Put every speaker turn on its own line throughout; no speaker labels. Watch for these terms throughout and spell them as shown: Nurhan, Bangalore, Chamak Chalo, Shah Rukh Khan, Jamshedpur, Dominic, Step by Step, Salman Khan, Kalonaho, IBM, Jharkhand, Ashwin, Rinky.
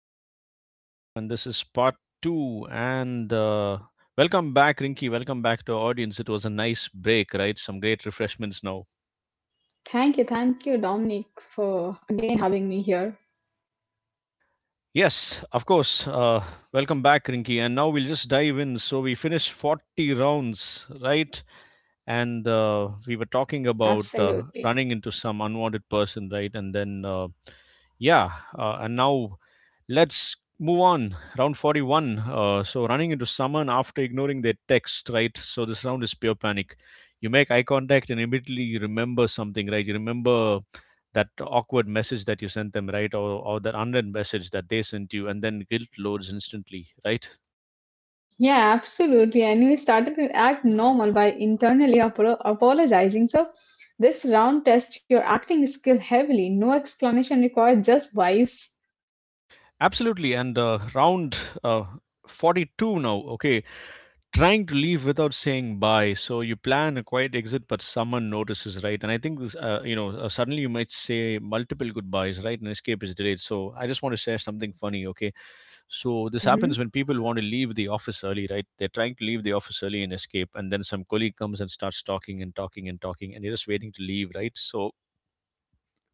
show of real life. And this is part two. And Welcome back, Rinky. Welcome back to our audience. It was a nice break, right? Some great refreshments now.
Thank you, Dominic, for again having me here.
Yes, of course. Welcome back, Rinky. And now we'll just dive in. So we finished 40 rounds, right? And We were talking about
Absolutely.
running into some unwanted person, right? And then. Yeah and now let's move on. Round 41. So, running into someone after ignoring their text, right? So, this round is pure panic. You make eye contact and immediately you remember something, right? You remember that awkward message that you sent them, right? Or that unread message that they sent you, and then guilt loads instantly, right?
Yeah, absolutely. And we started to act normal by internally apologizing. So, this round tests your acting skill heavily. No explanation required, just vibes.
Absolutely. And round uh, 42 now, okay. Trying to leave without saying bye. So you plan a quiet exit, but someone notices, right? And I think this, suddenly you might say multiple goodbyes, right? And escape is delayed. So I just want to share something funny, okay? So this happens
hmm
when people want to leave the office early, right? They're trying to leave the office early and escape, and then some colleague comes and starts talking and talking and talking, and you're just waiting to leave, right? So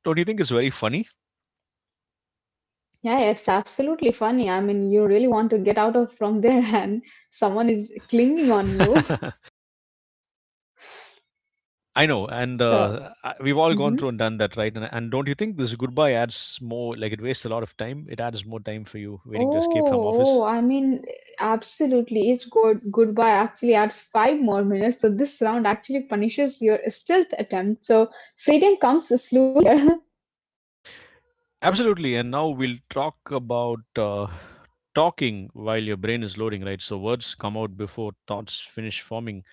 don't you think it's very funny?
Yeah, it's absolutely funny. I mean, you really want to get out of from there, and someone is clinging on you.
I know, and
So,
uh, I- we've all gone
mhm.
through and done that, right? And don't you think this goodbye adds more? Like it wastes a lot of time. It adds more time for you waiting to escape from
Oh,
office.
oh, I mean, absolutely. It's good. Goodbye actually adds 5 more minutes. So this round actually punishes your stealth attempt. So freedom comes slowly here.
Absolutely. And now we'll talk about talking while your brain is loading, right? So words come out before thoughts finish forming.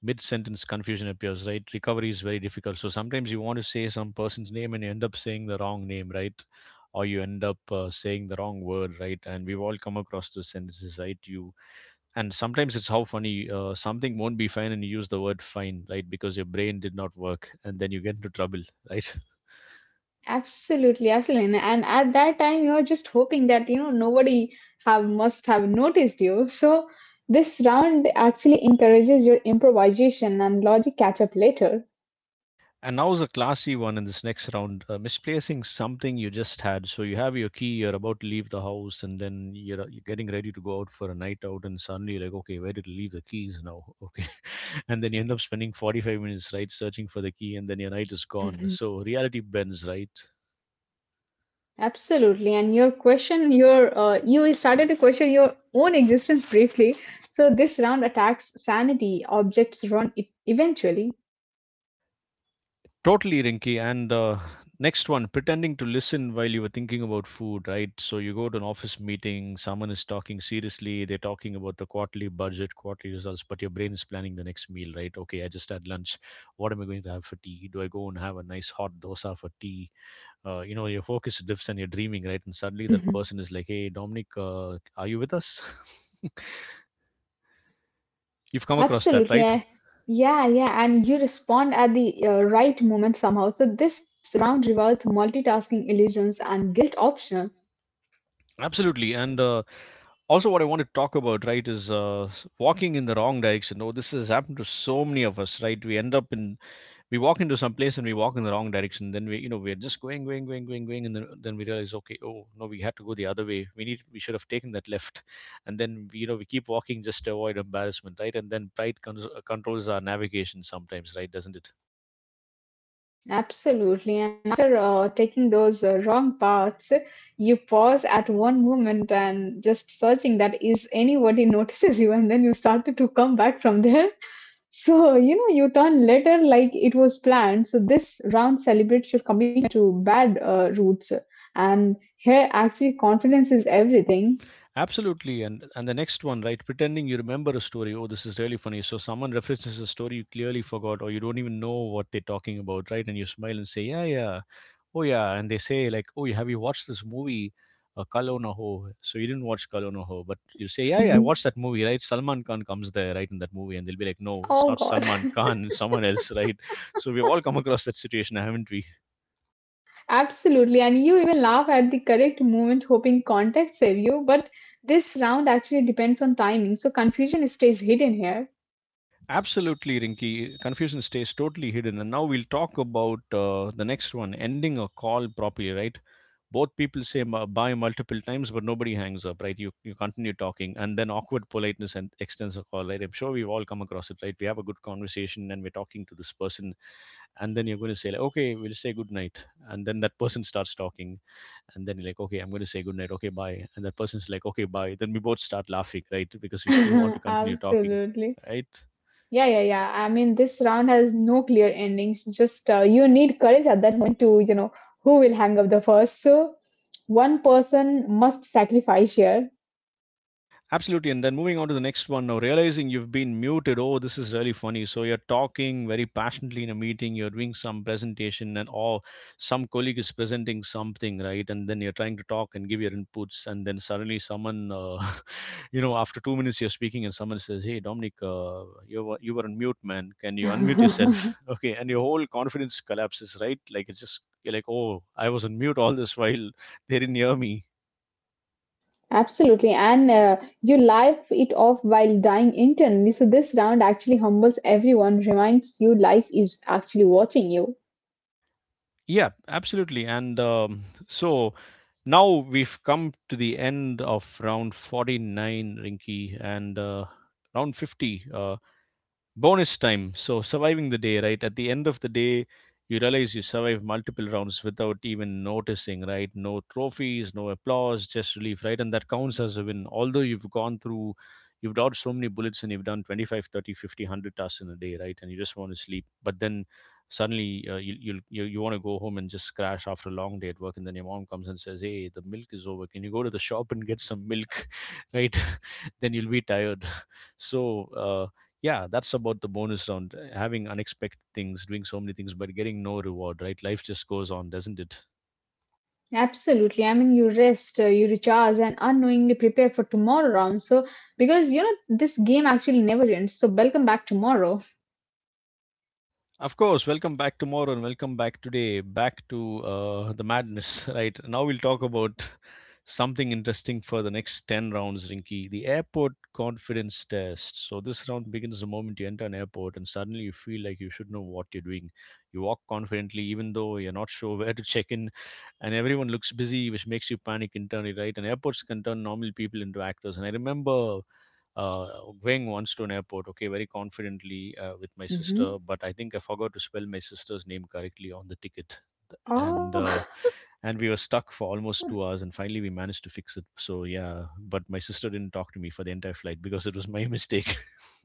Mid-sentence confusion appears, right? Recovery is very difficult. So sometimes you want to say some person's name and you end up saying the wrong name, right? Or you end up saying the wrong word, right? And we've all come across those sentences, right? You And sometimes it's how funny something won't be fine and you use the word fine, right, because your brain did not work and then you get into trouble, right.
Absolutely, absolutely. And at that time, you're just hoping that, nobody have must have noticed you. So this round actually encourages your improvisation and logic catch-up later.
And now's a classy one. In this next round, misplacing something you just had. So you have your key, you're about to leave the house, and then you're getting ready to go out for a night out, and suddenly you're like, okay, where did I leave the keys now? Okay, and then you end up spending 45 minutes, right, searching for the key, and then your night is gone,
Mhm.
so reality bends, right.
Absolutely, and your question, you started to question your own existence briefly. So this round attacks sanity. Objects run it eventually.
Totally, Rinky. And Next one, pretending to listen while you were thinking about food, right? So you go to an office meeting, someone is talking seriously, they're talking about the quarterly budget, quarterly results, but your brain is planning the next meal, right? Okay, I just had lunch. What am I going to have for tea? Do I go and have a nice hot dosa for tea? You know, your focus drifts and you're dreaming, right? And suddenly that person is like, hey, Dominic, are you with us? You've come across that,
Absolutely.
right?
Yeah, yeah. And you respond at the right moment somehow. So this round rewards multitasking illusions and guilt optional.
Absolutely. And Also, what I want to talk about, right, is walking in the wrong direction. Oh, this has happened to so many of us, right? We end up in, We walk into some place and we walk in the wrong direction. Then we, you know, we're just going, going, going, going, going. And then we realize, okay, oh, no, we had to go the other way. We should have taken that left. And then, we, you know, we keep walking just to avoid embarrassment, right? And then controls our navigation sometimes, right? Doesn't it?
Absolutely. And after taking those wrong paths, you pause at one moment and just searching that is anybody notices you, and then you started to come back from there. So, you know, you turn later like it was planned. So, this round celebrates your commitment to bad roots. And here, actually, confidence is everything.
Absolutely, and the next one, right? Pretending you remember a story. Oh, this is really funny. So someone references a story you clearly forgot, or you don't even know what they're talking about, right? And you smile and say, "Yeah, yeah, oh yeah," and they say like, "Oh, have you watched this movie, Kalonaho?" So you didn't watch Kalonaho, but
Mhm.
you say, "Yeah, yeah, I watched that movie, right?" Salman Khan comes there, right, in that movie, and they'll be like, "No, it's
Oh
not
God,
Salman Khan, it's someone else, right?" So we've all come across that situation, haven't we?
absolutely. And you even laugh at the correct moment, hoping context save you. But this round actually depends on timing, so confusion stays hidden here.
Absolutely, Rinky. Confusion stays totally hidden. And now we'll talk about the next one, ending a call properly, right? Both people say bye multiple times, but nobody hangs up, right? You continue talking, and then awkward politeness and extends a call, right? I'm sure we've all come across it, right? We have a good conversation and we're talking to this person, and then you're going to say, like, okay, we'll say good night. And then that person starts talking, and then you're like, okay, I'm going to say good night, okay, bye. And that person's like, okay, bye. Then we both start laughing, right? Because we still want to continue talking,
Absolutely.
right?
Yeah, yeah, yeah, I mean, this round has no clear endings. Just you need courage at that moment to, you know, who will hang up the first. So one person must sacrifice here.
Absolutely. And then moving on to the next one now, realizing you've been muted. Oh, this is really funny. So you're talking very passionately in a meeting, you're doing some presentation, and or some colleague is presenting something, right? And then you're trying to talk and give your inputs. And then suddenly someone, you know, after 2 minutes you're speaking, and someone says, hey, Dominic, you were on mute, man. Can you unmute yourself? Okay. And your whole confidence collapses, right? Like it's just you're like, oh, I was on mute all this while, they didn't hear me.
Absolutely. And you live it off while dying internally. So this round actually humbles everyone, reminds you life is actually watching you.
Yeah, absolutely. So, Now we've come to the end of round 49, Rinky, and round 50. Bonus time. So, surviving the day, right? At the end of the day, you realize you survived multiple rounds without even noticing, right? No trophies, no applause, just relief, right, and that counts as a win. Although you've gone through, you've dodged so many bullets and you've done 25, 30, 50, 100 tasks in a day, right, and you just want to sleep. But then suddenly, you, you'll, you want to go home and just crash after a long day at work, and then your mom comes and says, hey, the milk is over, can you go to the shop and get some milk? Right. Then you'll be tired. So yeah, that's about the bonus round, having unexpected things, doing so many things but getting no reward, right? Life just goes on, doesn't it?
Absolutely. I mean, you rest, you recharge, and unknowingly prepare for tomorrow round. So, because you know, this game actually never ends. So, welcome back tomorrow.
Of course, welcome back tomorrow and welcome back today, back to the madness, right? Now we'll talk about something interesting for the next 10 rounds, Rinky. The airport confidence test. So, this round begins the moment you enter an airport, and suddenly you feel like you should know what you're doing. You walk confidently, even though you're not sure where to check in, and everyone looks busy, which makes you panic internally, right? And airports can turn normal people into actors. And I remember uh, going once to an airport, okay, very confidently with my sister,
Hmm.
but I think I forgot to spell my sister's name correctly on the ticket,
Oh.
and uh, and we were stuck for almost 2 hours, and finally we managed to fix it. So yeah, but my sister didn't talk to me for the entire flight because it was my mistake.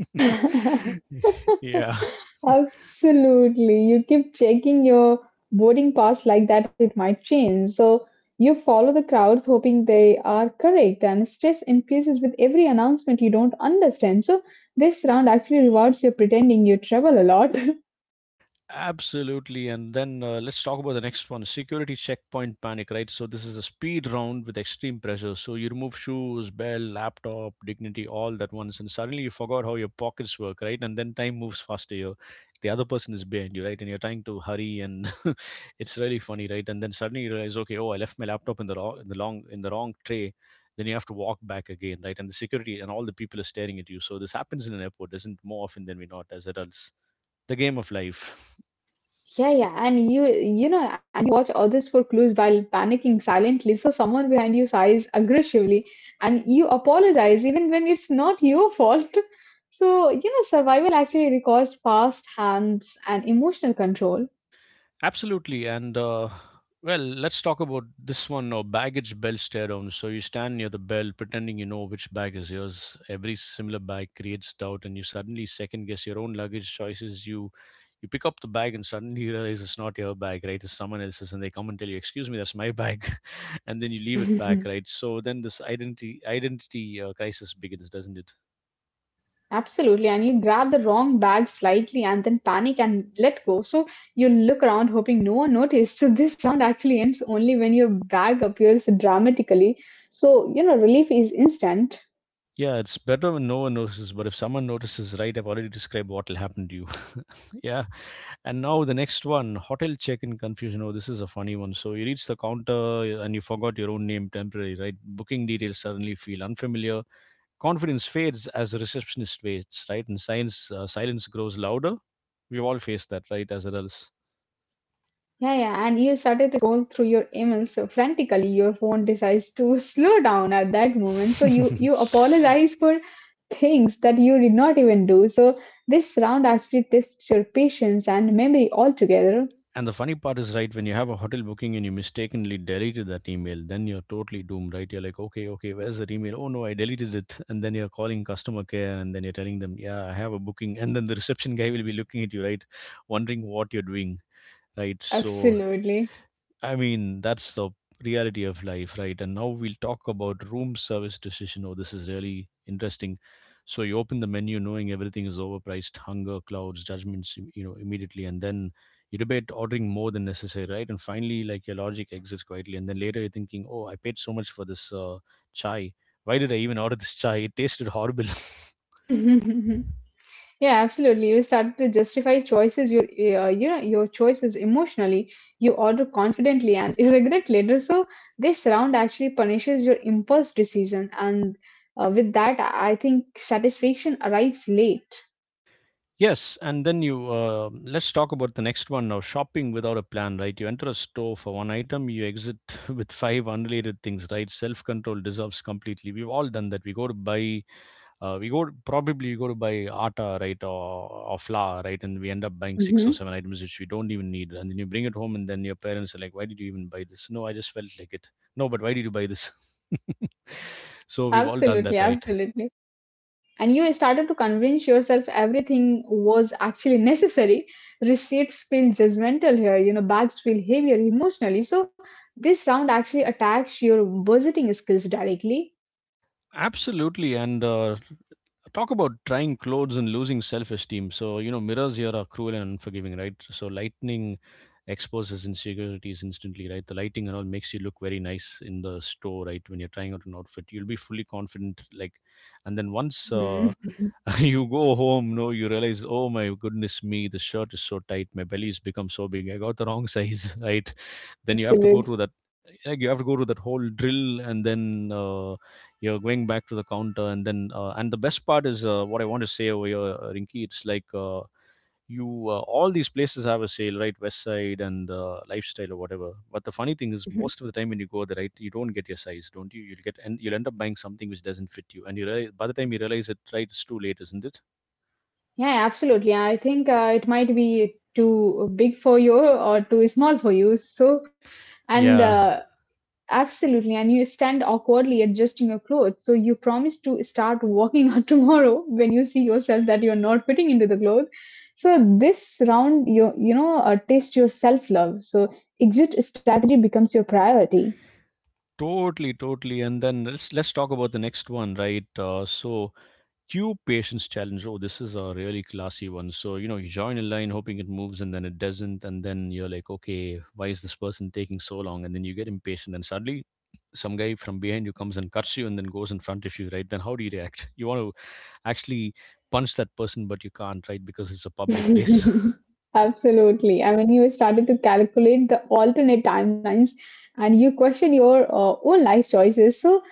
Yeah.
Absolutely. You keep checking your boarding pass like that, it might change. So you follow the crowds hoping they are correct, and stress increases with every announcement you don't understand. So this round actually rewards your pretending you travel a lot.
Absolutely. And then let's talk about the next one, security checkpoint panic, right? So, this is a speed round with extreme pressure. So, you remove shoes, bell, laptop, dignity, all that once, and suddenly you forgot how your pockets work, right? And then time moves faster. You The other person is behind you, right? And you're trying to hurry, and it's really funny, right? And then suddenly you realize, okay, oh, I left my laptop in the wrong tray. Then you have to walk back again, right? And the security and all the people are staring at you. So this happens in an airport, doesn't more often than we not as adults. The game of life.
Yeah, yeah, and you know, and you watch others for clues while panicking silently. So someone behind you sighs aggressively, and you apologize even when it's not your fault. So you know, survival actually requires fast hands and emotional control.
Absolutely. And Well, let's talk about this one now, baggage bell stare down. So you stand near the bell pretending you know which bag is yours. Every similar bag creates doubt, and you suddenly second guess your own luggage choices. You pick up the bag and suddenly you realize it's not your bag, right? It's someone else's, and they come and tell you, "Excuse me, that's my bag," and then you leave it back, right? So then this identity crisis begins, doesn't it?
Absolutely. And you grab the wrong bag slightly and then panic and let go. So you look around hoping no one noticed. So this sound actually ends only when your bag appears dramatically. So, you know, relief is instant.
Yeah, it's better when no one notices, but if someone notices, right, I've already described what will happen to you. Yeah. And now the next one, hotel check-in confusion. Oh, this is a funny one. So you reach the counter and you forgot your own name temporarily, right? Booking details suddenly feel unfamiliar. Confidence fades as the receptionist waits, right? And silence grows louder. We've all faced that, right? As adults.
Yeah, yeah. And you started to scroll through your emails so frantically. Your phone decides to slow down at that moment. So you apologize for things that you did not even do. So this round actually tests your patience and memory altogether.
And the funny part is, right, when you have a hotel booking and you mistakenly deleted that email, then you're totally doomed, right? You're like, okay, okay, where's that email? Oh no, I deleted it. And then you're calling customer care and then you're telling them, yeah, I have a booking. And then the reception guy will be looking at you, right? Wondering what you're doing, right? So
Absolutely.
I mean, that's the reality of life, right? And now we'll talk about room service decision. Oh, this is really interesting. So you open the menu knowing everything is overpriced, hunger, clouds, judgments, you know, immediately, and then you debate ordering more than necessary, right? And finally, like your logic exits quietly, and then later you're thinking, oh, I paid so much for this chai. Why did I even order this chai? It tasted horrible.
Yeah, absolutely. You start to justify choices, you know your choices emotionally. You order confidently and you regret later. So this round actually punishes your impulse decision, and with that, I think satisfaction arrives late.
Yes, and then you let's talk about the next one now. Shopping without a plan, right? You enter a store for one item, you exit with five unrelated things, right? Self control dissolves completely. We've all done that. We go to buy, probably we go to buy atta, right, or flour, right, and we end up buying six or
Hmm.
seven items which we don't even need, and then you bring it home, and then your parents are like, "Why did you even buy this?" No, I just felt like it. No, but why did you buy this? So we've all done
Absolutely,
that, right?
absolutely. And you started to convince yourself everything was actually necessary. Receipts feel judgmental here, you know. Bags feel heavier emotionally, so this round actually attacks your budgeting skills directly.
Absolutely. And talk about trying clothes and losing self-esteem, so you know, mirrors here are cruel and unforgiving, right? So lightning exposes insecurities instantly, right? The lighting and all makes you look very nice in the store, right? When you're trying out an outfit you'll be fully confident, like, and then once,
Mm,
you go home, no you realize, oh my goodness me, the shirt is so tight, my belly's become so big, I got the wrong size, right? Then you have to go
absolutely.
through that, like, you have to go through that whole drill, and then you're going back to the counter, and then, and the best part is, what I want to say over here, Rinky, it's like, you all these places have a sale, right? West Side and Lifestyle or whatever, but the funny thing is
Mhm.
most of the time when you go there, right, you don't get your size, don't you? You'll get, and you'll end up buying something which doesn't fit you, and you realize, by the time you realize it, right, it's too late, isn't it?
Yeah, absolutely. I think it might be too big for you or too small for you. So and
Yeah,
absolutely. And you stand awkwardly adjusting your clothes. So you promise to start walking out tomorrow when you see yourself that you're not fitting into the clothes. So this round, you know, test your self love. So exit strategy becomes your priority.
totally, totally. And then let's talk about the next one, right? So, cube patience challenge. Oh, this is a really classy one. So, you know, you join a line hoping it moves, and then it doesn't. And then you're like, okay, why is this person taking so long? And then you get impatient, and suddenly some guy from behind you comes and cuts you and then goes in front of you, right? Then how do you react? You want to actually punch that person, but you can't, right? Because it's a public place.
Absolutely. I mean, you started to calculate the alternate timelines and you question your own life choices. So,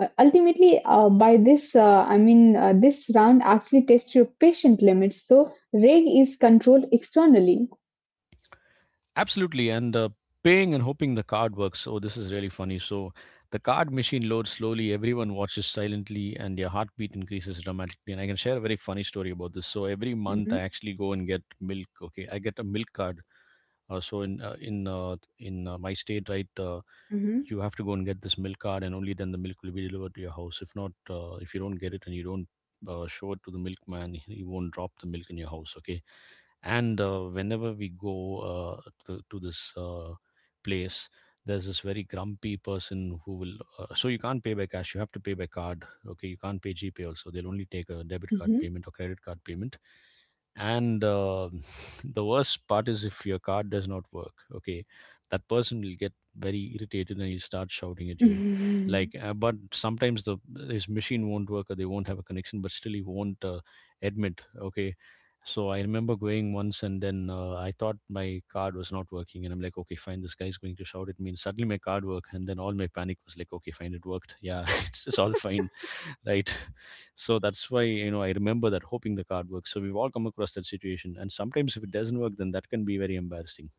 ultimately, by this, I mean, this round actually tests your patient limits. So, reg is controlled externally.
Absolutely, and paying and hoping the card works. Oh, this is really funny. So the card machine loads slowly. Everyone watches silently, and your heartbeat increases dramatically. And I can share a very funny story about this. So every month,
Hmm.
I actually go and get milk. Okay, I get a milk card so in my state, right, you
Hmm.
have to go and get this milk card, and only then the milk will be delivered to your house. If not, if you don't get it and you don't show it to the milkman, he won't drop the milk in your house. Okay, and whenever we go to this place, there's this very grumpy person who will, so you can't pay by cash, you have to pay by card, okay? You can't pay GPay also, they'll only take a debit card
Mhm.
payment or credit card payment. And the worst part is, if your card does not work, okay, that person will get very irritated, and he'll start shouting at you, like but sometimes the, his machine won't work, or they won't have a connection, but still he won't admit, okay? So I remember going once, and then I thought my card was not working, and I'm like, okay fine, this guy's going to shout at me, and suddenly my card worked, and then all my panic was like, okay fine, it worked. Yeah. It's all fine, right? So that's why, you know, I remember that, hoping the card works. So we've all come across that situation, and sometimes if it doesn't work, then that can be very embarrassing.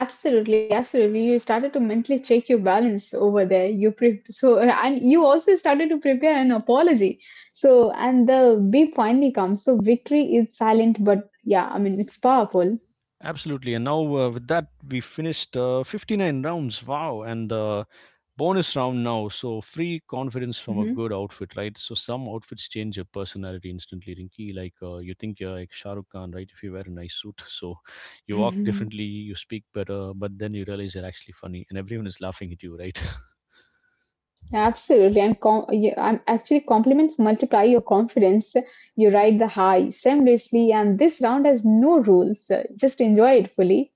Absolutely, absolutely. You started to mentally check your balance over there. You pre- so And you also started to prepare an apology. So and the beep finally comes. So victory is silent, but yeah, I mean it's powerful.
Absolutely. And now with that, we finished 59 rounds. Wow! And bonus round now. So free confidence from a
Hmm.
good outfit, right? So some outfits change your personality instantly, Rinky. Like you think you're like Shah Rukh Khan, right? If you wear a nice suit, so you walk differently, you speak better, but then you realize you're actually funny, and everyone is laughing at you, right?
Absolutely, and yeah, I'm actually compliments multiply your confidence. You ride the high seamlessly, and this round has no rules. Just enjoy it fully.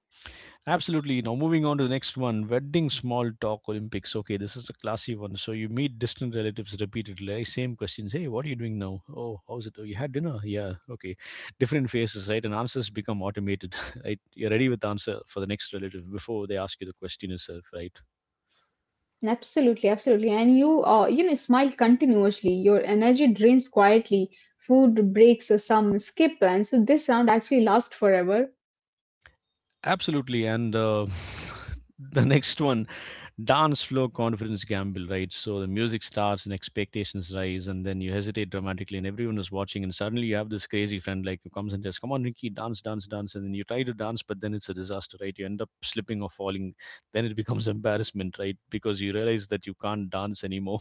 Absolutely. Now moving on to the next one, wedding small talk Olympics. Okay, this is a classy one. So you meet distant relatives repeatedly. Eh? Same questions. Hey, what are you doing now? Oh, how's it? Oh, you had dinner? Yeah. Okay. Different faces, right? And answers become automated, right? You're ready with the answer for the next relative before they ask you the question itself, right?
Absolutely, absolutely. And you, you know, smile continuously. Your energy drains quietly. Food breaks, some skip plans. So this sound actually lasts forever.
Absolutely. And the next one, dance floor confidence gamble, right? So the music starts and expectations rise, and then you hesitate dramatically, and everyone is watching, and suddenly you have this crazy friend, like, who comes and says, "Come on, Ricky, dance, dance, dance," and then you try to dance, but then it's a disaster, right? You end up slipping or falling. Then it becomes embarrassment, right? Because you realize that you can't dance anymore.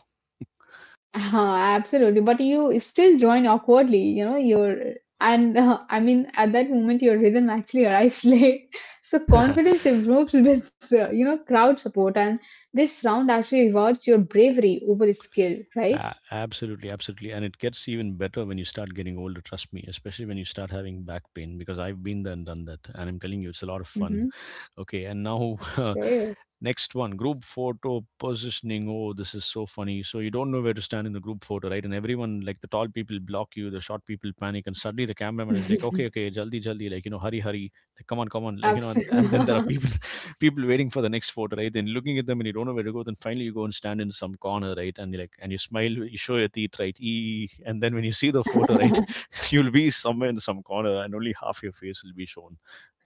Absolutely. But you still join awkwardly. You know, your and I mean, at that moment, your rhythm actually arrives late. So confidence improves with, you know, crowd support. And this round actually rewards your bravery over skill, right?
Absolutely, absolutely. And it gets even better when you start getting older, trust me, especially when you start having back pain, because I've been there and done that. And I'm telling you, it's a lot of fun.
Mm-hmm.
Okay, and now
Okay.
next one, group photo positioning. Oh, this is so funny. So you don't know where to stand in the group photo, right? And everyone, like the tall people, block you. The short people panic, and suddenly the cameraman is like, "Okay, okay, jaldi, jaldi," like, you know, hurry, hurry, like, come on, come on, like, you know. And then there are
Absolutely.
people, people waiting for the next photo, right? Then looking at them, and you don't know where to go. Then finally you go and stand in some corner, right? And you like, and you smile, you show your teeth, right? Eee. And then when you see the photo, right, you'll be somewhere in some corner, and only half your face will be shown,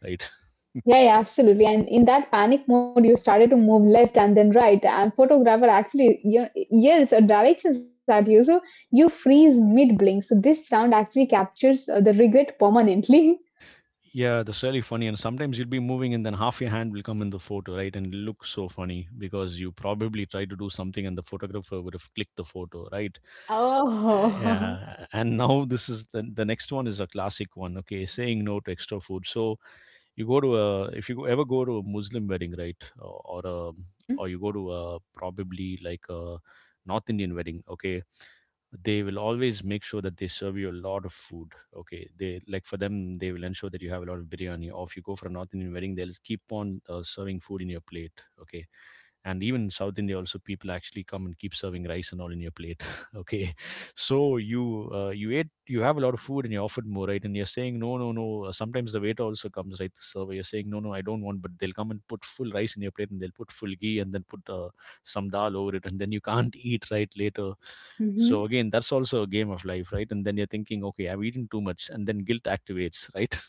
right?
Yeah, yeah, absolutely. And in that panic mode, you started to move left and then right, and photographer actually, you know, yells or directions at you, so you freeze mid blink. So this round actually captures the regret permanently.
Yeah, that's really funny. And sometimes you'll be moving, and then half your hand will come in the photo, right? And it'll look so funny, because you probably tried to do something, and the photographer would have clicked the photo, right?
Oh.
Yeah. And now this is the next one, is a classic one. Okay, saying no to extra food. So you go to a If you ever go to a Muslim wedding, right, or a
Hmm.
or you go to a probably like a North Indian wedding, okay, they will always make sure that they serve you a lot of food, okay. They like, for them, they will ensure that you have a lot of biryani, or if you go for a North Indian wedding, they'll keep on serving food in your plate, okay. And even in South India also, people actually come and keep serving rice and all in your plate okay. So you you ate, you have a lot of food, and you're offered more, right, and you're saying, "No, no, no." Sometimes the waiter also comes, right, the server, you're saying, "No, no, I don't want," but they'll come and put full rice in your plate, and they'll put full ghee, and then put some dal over it, and then you can't eat, right, later. So
Hmm.
again, that's also a game of life, right? And then you're thinking, okay, I've eaten too much, and then guilt activates, right?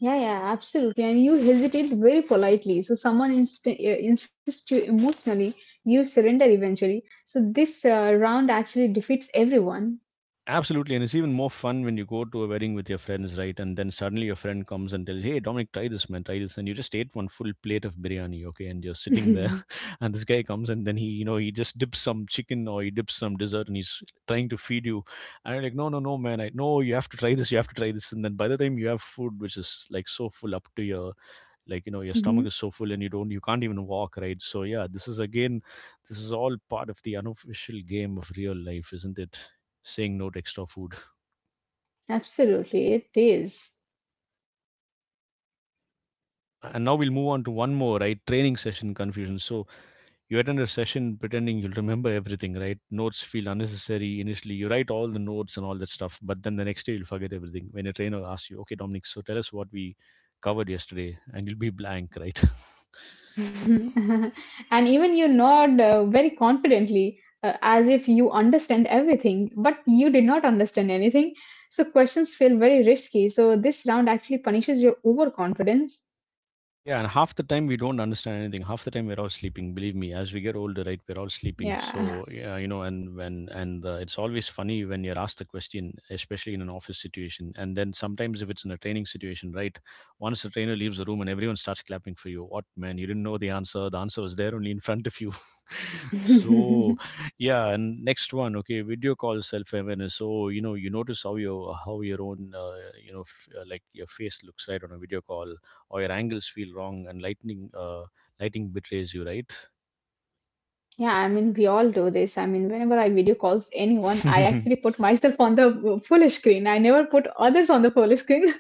Yeah, yeah, absolutely. And you hesitate very politely. So someone insists you emotionally, you surrender eventually. So this round actually defeats everyone.
Absolutely, and it's even more fun when you go to a wedding with your friends, right? And then suddenly your friend comes and tells, "Hey, Dominic, try this, man, try this," and you just ate one full plate of biryani, okay? And you're sitting there,
Hmm.
and this guy comes and then he, you know, he just dips some chicken or he dips some dessert, and he's trying to feed you, and you're like, "No, no, no, man, I no, you have to try this, you have to try this," and then by the time you have food which is like so full up to your like you know your stomach is so full, and you don't, you can't even walk, right? So yeah, this is again, this is all part of the unofficial game of real life, isn't it? Saying no to extra food.
Absolutely, it is.
And now we'll move on to one more, right? Training session confusion. So you attend a session pretending you'll remember everything, right? Notes feel unnecessary initially, you write all the notes and all that stuff, but then the next day you'll forget everything. When a trainer asks you, okay, Dominic, so tell us what we covered yesterday, and you'll be blank, right?
Mhm. And even you nod very confidently, as if you understand everything, but you did not understand anything. So questions feel very risky. So this round actually punishes your overconfidence.
Yeah, and half the time we don't understand anything. Half the time we're all sleeping. Believe me, as we get older, right, we're all sleeping.
Yeah.
So yeah, you know, and when and it's always funny when you're asked the question, especially in an office situation, and then sometimes if it's in a training situation, right, once the trainer leaves the room and everyone starts clapping for you, what man, you didn't know the answer. The answer was there only in front of you. so
Yeah,
yeah, and next one, okay, video call self awareness. So you know, you notice how your own you know like your face looks right on a video call or your angles feel wrong, and lightning lighting betrays you, right?
I mean, we all do this. I mean, whenever I video calls anyone, I actually put myself on the full screen. I never put others on the full screen.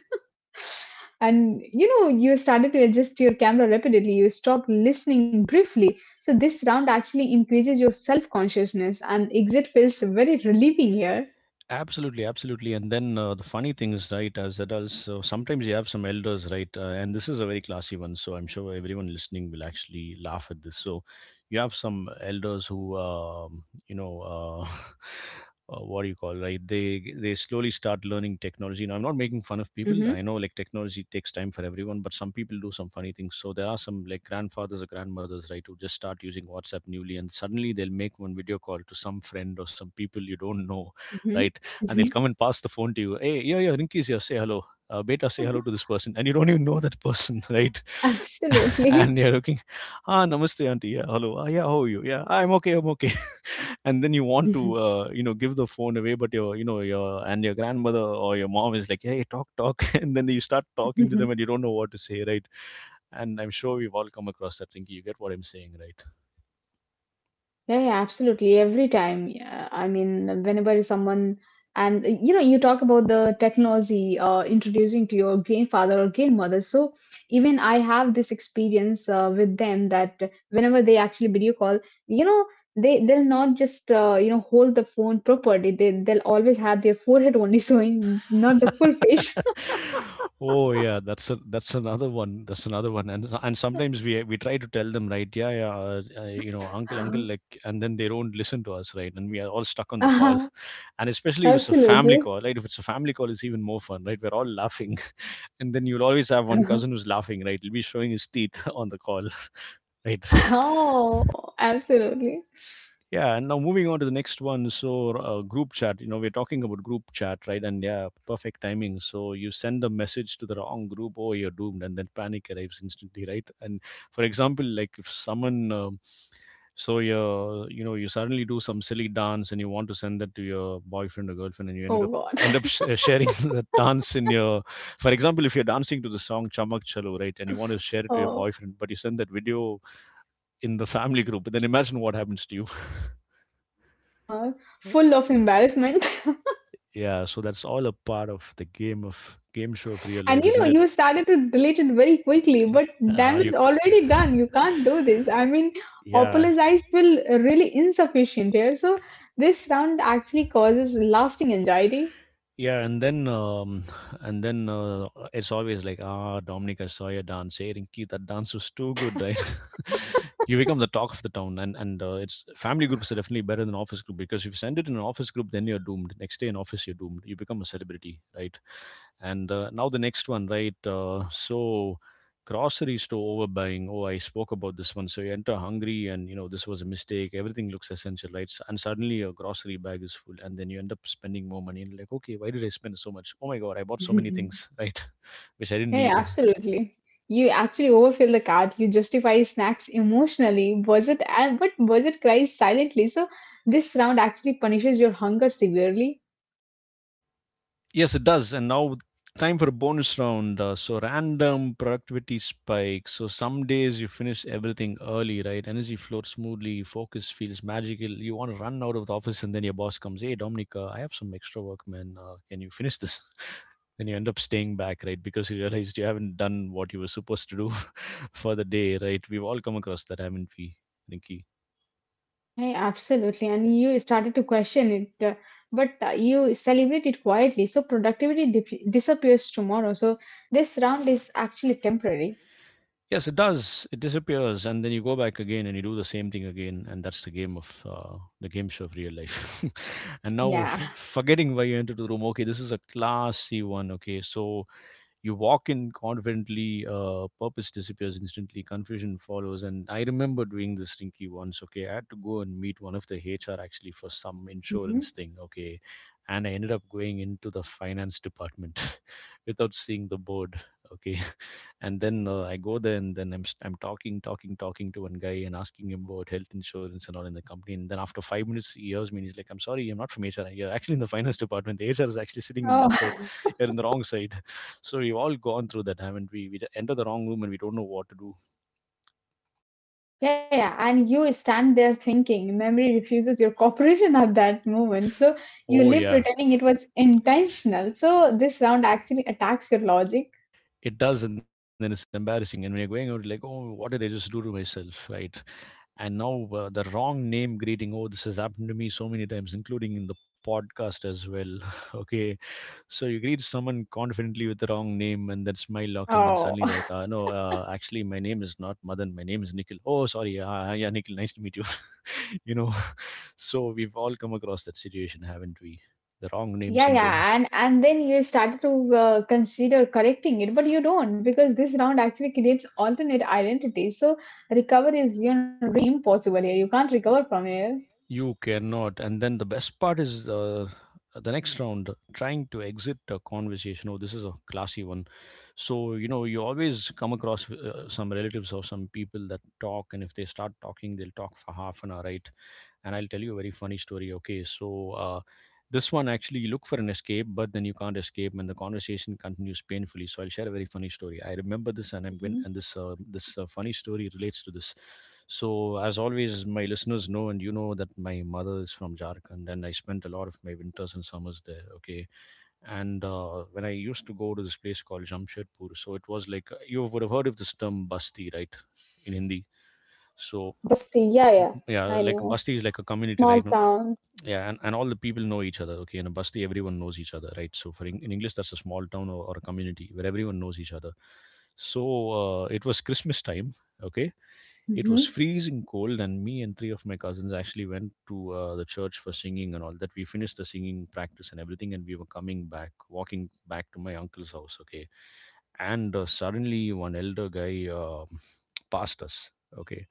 And you know, you started to adjust your camera rapidly, you stopped listening briefly. So this round actually increases your self-consciousness, and exit feels very relieving here.
Absolutely, absolutely. And then the funny thing is, right, as adults, so sometimes you have some elders, right, and this is a very classy one, so I'm sure everyone listening will actually laugh at this. So you have some elders who, you know, what do you call, right? They slowly start learning technology. Now, I'm not making fun of
Mm-hmm.
people. I know like technology takes time for everyone, but some people do some funny things. So there are some like grandfathers or grandmothers, right, who just start using WhatsApp newly, and suddenly they'll make one video call to some friend or some people you don't know,
Mm-hmm.
right? And they'll come and pass the phone to you. Hey, yeah, yeah, Rinky's here. Say hello. Beta, say hello to this person, and you don't even know that person, right?
Absolutely.
and you're looking, ah, namaste, auntie. Yeah, hello. Ah, yeah, how are you? Yeah, I'm okay. I'm okay. and then you want to, you know, give the phone away, but your, you know, your and your grandmother or your mom is like, hey, talk, talk, and then you start talking to them, and you don't know what to say, right? And I'm sure we've all come across that, Rinky. You get what I'm saying, right?
Yeah, yeah, absolutely. Every time. Yeah, I mean, whenever someone, and you know, you talk about the technology introducing to your grandfather or grandmother. So even I have this experience with them that whenever they actually video call, you know, they they'll not just you know hold the phone properly. They'll always have their forehead only showing, not the full face.
Oh yeah, that's a, that's another one. That's another one. And sometimes we try to tell them, right? Yeah, yeah, you know, uncle, uncle, like, and then they don't listen to us, right? And we are all stuck on the call.
Uh-huh.
And especially if it's a family
Absolutely.
call, right? If it's a family call, it's even more fun, right? We're all laughing, and then you'll always have one cousin who's laughing, right? He'll be showing his teeth on the call, right?
Oh, absolutely.
Yeah, and now moving on to the next one. So, group chat, you know, we're talking about group chat, right? And yeah, perfect timing. So, you send a message to the wrong group, oh, you're doomed, and then panic arrives instantly, right? And for example, like if someone, so you know, you suddenly do some silly dance and you want to send that to your boyfriend or girlfriend, and you
Oh
ended up
God.
end up sh- sharing the dance in your, for example, if you're dancing to the song Chamak Chalo, right, and you want to share it to your
Oh,
boyfriend, but you send that video in the family group, and then imagine what happens to you.
uh, full of embarrassment.
Yeah, so that's all a part of the game of game show of real
And
life,
you know,
isn't it?
you started to delete it very quickly, but
Ah,
damage
you.
is already done. You can't do this. I mean,
yeah.
apologize will really insufficient here. So this round actually causes lasting anxiety.
Yeah, and then and then it's always like, ah, Dominic, I saw your dance. Hey, Rinky, that dance was too good, right? you become the talk of the town, and it's family groups are definitely better than office group because if you send it in an office group, then you're doomed. Next day in office, you're doomed. You become a celebrity, right? And now the next one, right? So grocery store overbuying. Oh, I spoke about this one. So you enter hungry, and you know this was a mistake. Everything looks essential, right? And suddenly your grocery bag is full, and then you end up spending more money. And like, okay, why did I spend so much? Oh my God, I bought so many things, right? Which I didn't
Yeah,
need.
absolutely. You actually overfill the cart. You justify snacks emotionally. Was it and but was it cries silently? So this round actually punishes your hunger severely.
Yes, it does. And now time for a bonus round. So random productivity spike. So some days you finish everything early, right? Energy flows smoothly, focus feels magical. You want to run out of the office, and then your boss comes, "Hey, Dominic, I have some extra work, man. Can you finish this?" Then you end up staying back, right? Because you realized you haven't done what you were supposed to do for the day, right? We've all come across that, haven't we, Rinky?
Yeah, absolutely. And you started to question it, but you celebrate it quietly. So disappears tomorrow. So this round is actually temporary.
Yes, it does. It disappears, and then you go back again, and you do the same thing again, and that's the game of the game show of real life. and now,
Yeah.
forgetting why you entered the room. Okay, this is a classy one. Okay, so you walk in confidently, purpose disappears instantly, confusion follows. And I remember doing this stinky once. Okay, I had to go and meet one of the HR actually for some
Hmm.
insurance thing. Okay, and I ended up going into the finance department without seeing the board. Okay, and then I go there and then I'm talking, talking, talking to one guy and asking him about health insurance and all in the company. And then after 5 minutes, he hears me and he's like, "I'm sorry, I'm not from HR. You're actually in the finance department. The HR is actually sitting in that side.
Oh,
You're in the wrong side." So we've all gone through that, haven't we? We enter the wrong room and we don't know what to do.
yeah, yeah. And you stand there thinking memory refuses your cooperation at that moment. So you
Oh
live
yeah,
pretending it was intentional. So this round actually attacks your logic.
it does, and then it's embarrassing, and we're going out like, oh, what did I just do to myself, right? And now the wrong name greeting. Oh, this has happened to me so many times, including in the podcast as well. Okay, so you greet someone confidently with the wrong name, and then smile locked, and then
Oh.
suddenly like, no, actually my name is not Madan, my name is Nikhil. Oh, sorry, yeah, Nikhil, nice to meet you. you know so we've all come across that situation, haven't we? The wrong name
Yeah,
syndrome.
yeah, and then you started to consider correcting it, but you don't, because this round actually creates alternate identities. So recover is you know really impossible here. You can't recover from here.
You cannot. And then the best part is the next round, trying to exit a conversation. Oh, this is a classy one. So, you know, you always come across some relatives or some people that talk, and if they start talking, they'll talk for half an hour, right? And I'll tell you a very funny story. Okay, so this one actually you look for an escape, but then you can't escape, and the conversation continues painfully. So I'll share a very funny story. I remember this, and I'm going,
Mhm.
and this this funny story relates to this. So, as always, my listeners know, and you know, that my mother is from Jharkhand, and I spent a lot of my winters and summers there. Okay, and when I used to go to this place called Jamshedpur, so it was like you would have heard of this term "basti," right, in Hindi. So,
Basti, yeah, yeah,
yeah,
I
like
know.
Basti is like a community,
Small
right? No-
town.
Yeah, and all the people know each other. Okay, in a Basti, everyone knows each other, right? So for in English, that's a small town or a community where everyone knows each other. So it was Christmas time, okay, it
Mm-hmm.
was freezing cold, and me and three of my cousins actually went to the church for singing and all that. We finished the singing practice and everything, and we were coming back, walking back to my uncle's house. Okay, and suddenly one elder guy passed us. Okay,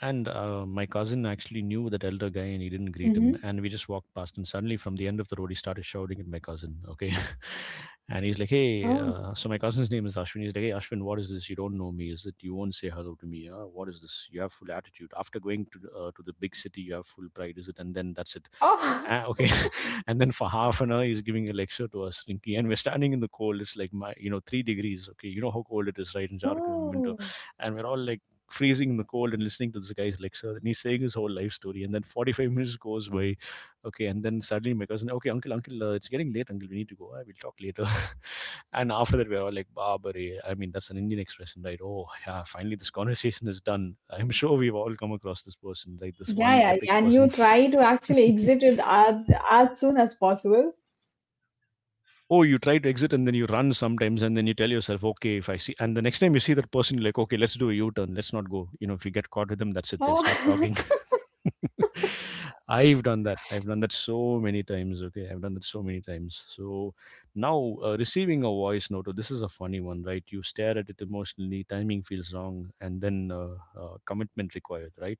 and my cousin actually knew that elder guy and he didn't greet
Mm-hmm.
him. And we just walked past, and suddenly from the end of the road, he started shouting at my cousin. Okay. And he's like, "Hey,
Oh.
so my cousin's name is Ashwin. He's like, "Hey, Ashwin, what is this? You don't know me. Is it you won't say hello to me? What is this? You have full attitude. After going to, to the big city, you have full pride. Is it?" And then that's it.
Oh.
Ah, okay. And then for half an hour, he's giving a lecture to us, Rinky. And we're standing in the cold. It's like, my, you know, 3 degrees. Okay. You know how cold it is, right, in Jharkhand in winter.
Oh,
And we're all like freezing in the cold and listening to this guy's lecture. And he's saying his whole life story. And then 45 minutes goes by. Okay. And then suddenly my cousin, "Okay, uncle, uncle, it's getting late, uncle. We need to go. I will talk later." And after that, we're all like, "Barbary." I mean, that's an Indian expression, right? Oh, yeah. Finally, this conversation is done. I'm sure we've all come across this person, right? This
yeah,
one
yeah,
epic
yeah. And
person.
you try to actually exit it as soon as possible.
Oh, you try to exit and then you run sometimes, and then you tell yourself, okay, if I see and the next time you see that person, you're like, okay, let's do a U-turn, let's not go. You know, if you get caught with them, that's it, they'll start
Oh.
talking. I've done that so many times. Okay, I've done that so many times. So now, receiving a voice note, oh, this is a funny one, right? You stare at it emotionally, timing feels wrong, and then commitment required, right?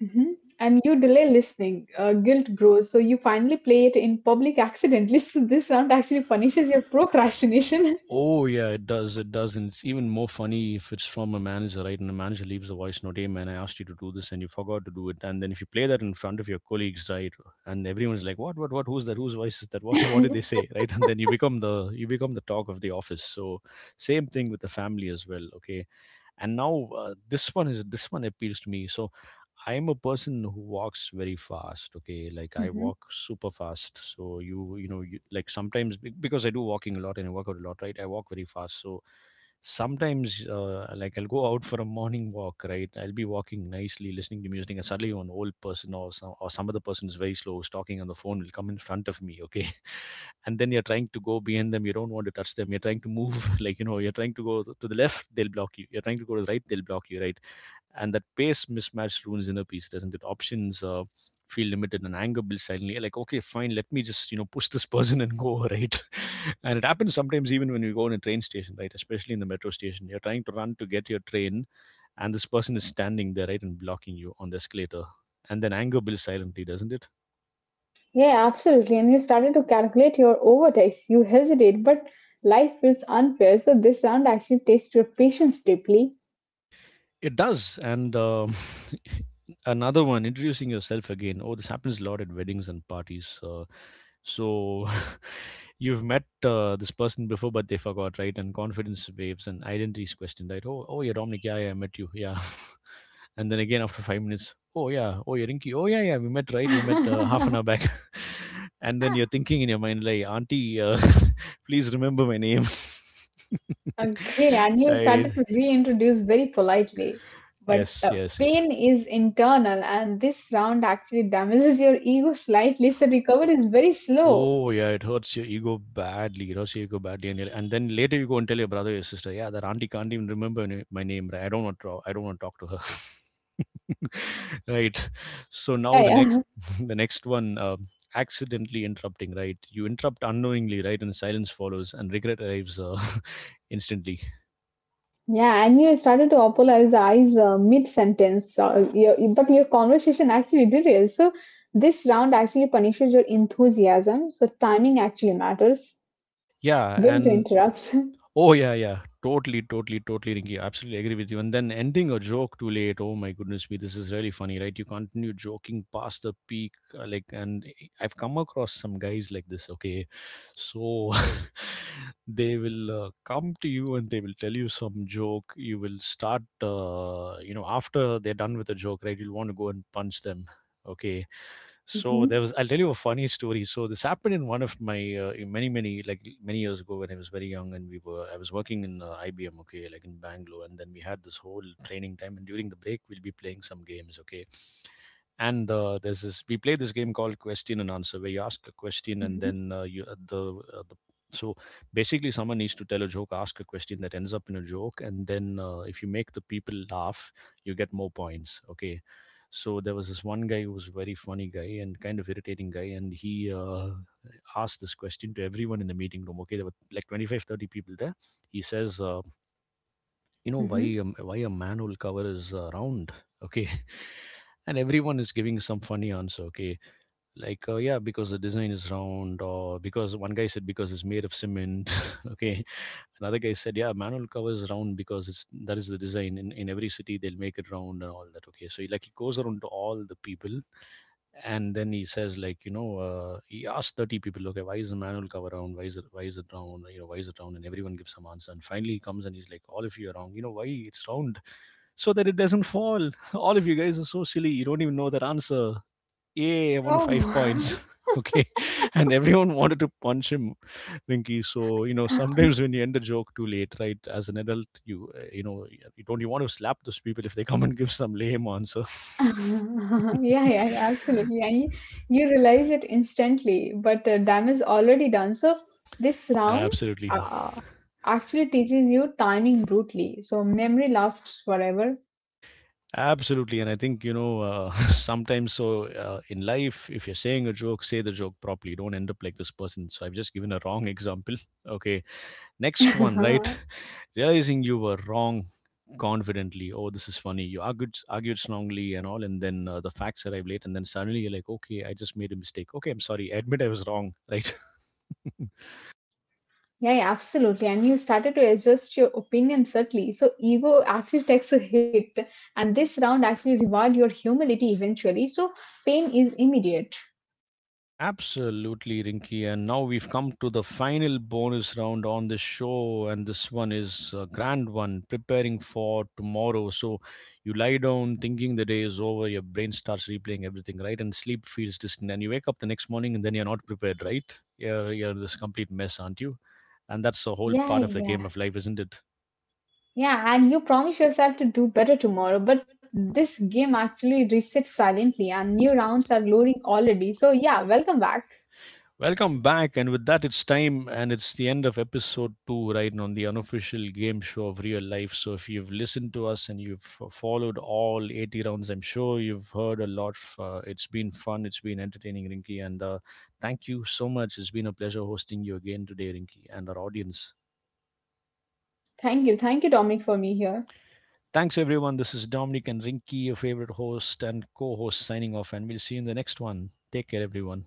Mhm. And you delay listening, guilt grows. So you finally play it in public accidentally. So this round actually punishes your procrastination.
Oh yeah, it does. It does, and it's even more funny if it's from a manager, right? And the manager leaves a voice note, "Hey man, I asked you to do this, and you forgot to do it." And then if you play that in front of your colleagues, right, and everyone's like, "What? What? What? Who's that? Whose voice is that? What? What did they say?" Right, and then you become the talk of the office. So same thing with the family as well. Okay, and now this one appeals to me. So I am a person who walks very fast, okay, like I
Mhm.
walk super fast. So like sometimes because I do walking a lot and I work out a lot, right, I walk very fast. So sometimes like I'll go out for a morning walk, right, I'll be walking nicely listening to music, and suddenly an old person or some other person is very slow, is talking on the phone, will come in front of me. Okay. And then you're trying to go behind them, you don't want to touch them, you're trying to move like, you know, you're trying to go to the left, they'll block you, you're trying to go to the right, they'll block you, right? And that pace mismatch ruins inner peace, doesn't it? Options feel limited, and anger builds silently. Like, okay, fine, let me just, you know, push this person and go right. And it happens sometimes even when we go in a train station, right? Especially in the metro station, you're trying to run to get your train, and this person is standing there, right, and blocking you on the escalator. And then anger builds silently, doesn't it?
Yeah, absolutely. And you started to calculate your overtakes. You hesitate, but life feels unfair. So this round actually tests your patience deeply.
It does, and another one, introducing yourself again. Oh, this happens a lot at weddings and parties. So you've met this person before but they forgot, right? And confidence waves and identity is questioned, right? Oh, oh, you're Dominic. Yeah, yeah, I met you. Yeah. And then again after 5 minutes, oh yeah, oh you're Rinky, oh yeah, yeah, we met, right, we met half an hour back. And then you're thinking in your mind like, auntie, please remember my name.
Okay, and you
Right.
started to reintroduce very politely. But
Yes, yes, yes.
pain is internal, and this round actually damages your ego slightly. So
Oh,
recovery is very slow.
oh, yeah, it hurts your ego badly. It hurts your ego badly, and and then later you go and tell your brother or your sister, yeah, that auntie can't even remember my name. Right? I don't want to. I don't want to talk to her. Right. So
Yeah,
now the
yeah,
next, the next one, accidentally interrupting. Right. You interrupt unknowingly. Right, and silence follows, and regret arrives instantly.
yeah. And you started to apologize mid-sentence, but your conversation actually derailed. So this round actually punishes your enthusiasm. So timing actually matters.
Yeah,
When to
and
interrupt.
oh yeah, yeah. Totally, totally, totally, Rinki. Absolutely agree with you. And then ending a joke too late. Oh my goodness me, this is really funny, right? You continue joking past the peak, and I've come across some guys like this. Okay, so they will come to you and they will tell you some joke. You will start, you know, after they're done with the joke, right? You'll want to go and punch them. Okay, so there
Hmm.
was. I'll tell you a funny story. So this happened in one of my in many many like many years ago when I was very young and we were I was working in IBM. Okay, like in Bangalore, and then we had this whole training time, and during the break we'll be playing some games. Okay, and there's this we play this game called question and answer where you ask a question and
Hmm.
then you the so basically someone needs to tell a joke, ask a question that ends up in a joke, and then if you make the people laugh, you get more points. Okay, so there was this one guy who was a very funny guy and kind of irritating guy, and he asked this question to everyone in the meeting room. Okay, there were like 25, 30 people there. He says, "You know
Hmm.
why a manhole cover is round?" Okay, and everyone is giving some funny answer. Okay, like yeah, because the design is round, or because one guy said because it's made of cement. Okay, another guy said, "Yeah, manual cover is round because it's that is the design. In every city, they'll make it round and all that." Okay, so he, like he goes around to all the people, and then he says, like you know, he asks 30 people, "Okay, why is the manual cover round? Why is it round? You know, why is it round?" And everyone gives some answer, and finally he comes and he's like, "All of you are wrong. You know why it's round? So that it doesn't fall." "All of you guys are so silly. You don't even know that answer. Yeah, I won five
Oh.
points. Okay. And everyone wanted to punch him, Rinky. So, you know, sometimes when you end a joke too late, right, as an adult, you, you know, you don't you want to slap those people if they come and give some lame answer.
Yeah, yeah, yeah, absolutely. And you realize it instantly, but damage already done. So this round
Absolutely,
uh, actually teaches you timing brutally. So memory lasts forever.
absolutely. And I think, you know, sometimes, so in life if you're saying a joke, say the joke properly, don't end up like this person. So I've just given a wrong example. Okay. Next one, right? Realizing you were wrong confidently. Oh, this is funny. You argued strongly and all, and then the facts arrive late, and then suddenly you're like, okay, I just made a mistake. Okay, I'm sorry. I admit I was wrong, right?
Yeah, absolutely. And you started to adjust your opinion subtly. So ego actually takes a hit, and this round actually reward your humility eventually. So pain is immediate.
Absolutely, Rinky. And now we've come to the final bonus round on this show, and this one is a grand one, preparing for tomorrow. So you lie down thinking the day is over, your brain starts replaying everything, right? And sleep feels distant, and you wake up the next morning and then you're not prepared, right? You're this complete mess, aren't you? And that's the whole
Yeah,
part of the game
yeah,
of life, isn't it?
yeah, And you promise yourself to do better tomorrow, but this game actually resets silently, and new rounds are loading already. So yeah, welcome back.
Welcome back, and with that, it's time, and it's the end of episode two, right? and On the unofficial game show of real life. So, if you've listened to us and you've followed all 80 rounds, I'm sure you've heard a lot. It's been fun, it's been entertaining, Rinky, and thank you so much. It's been a pleasure hosting you again today, Rinky, and our audience.
Thank you, Dominic, for me here.
Thanks, everyone. This is Dominic and Rinky, your favorite host and co host, signing off, and we'll see you in the next one. Take care, everyone.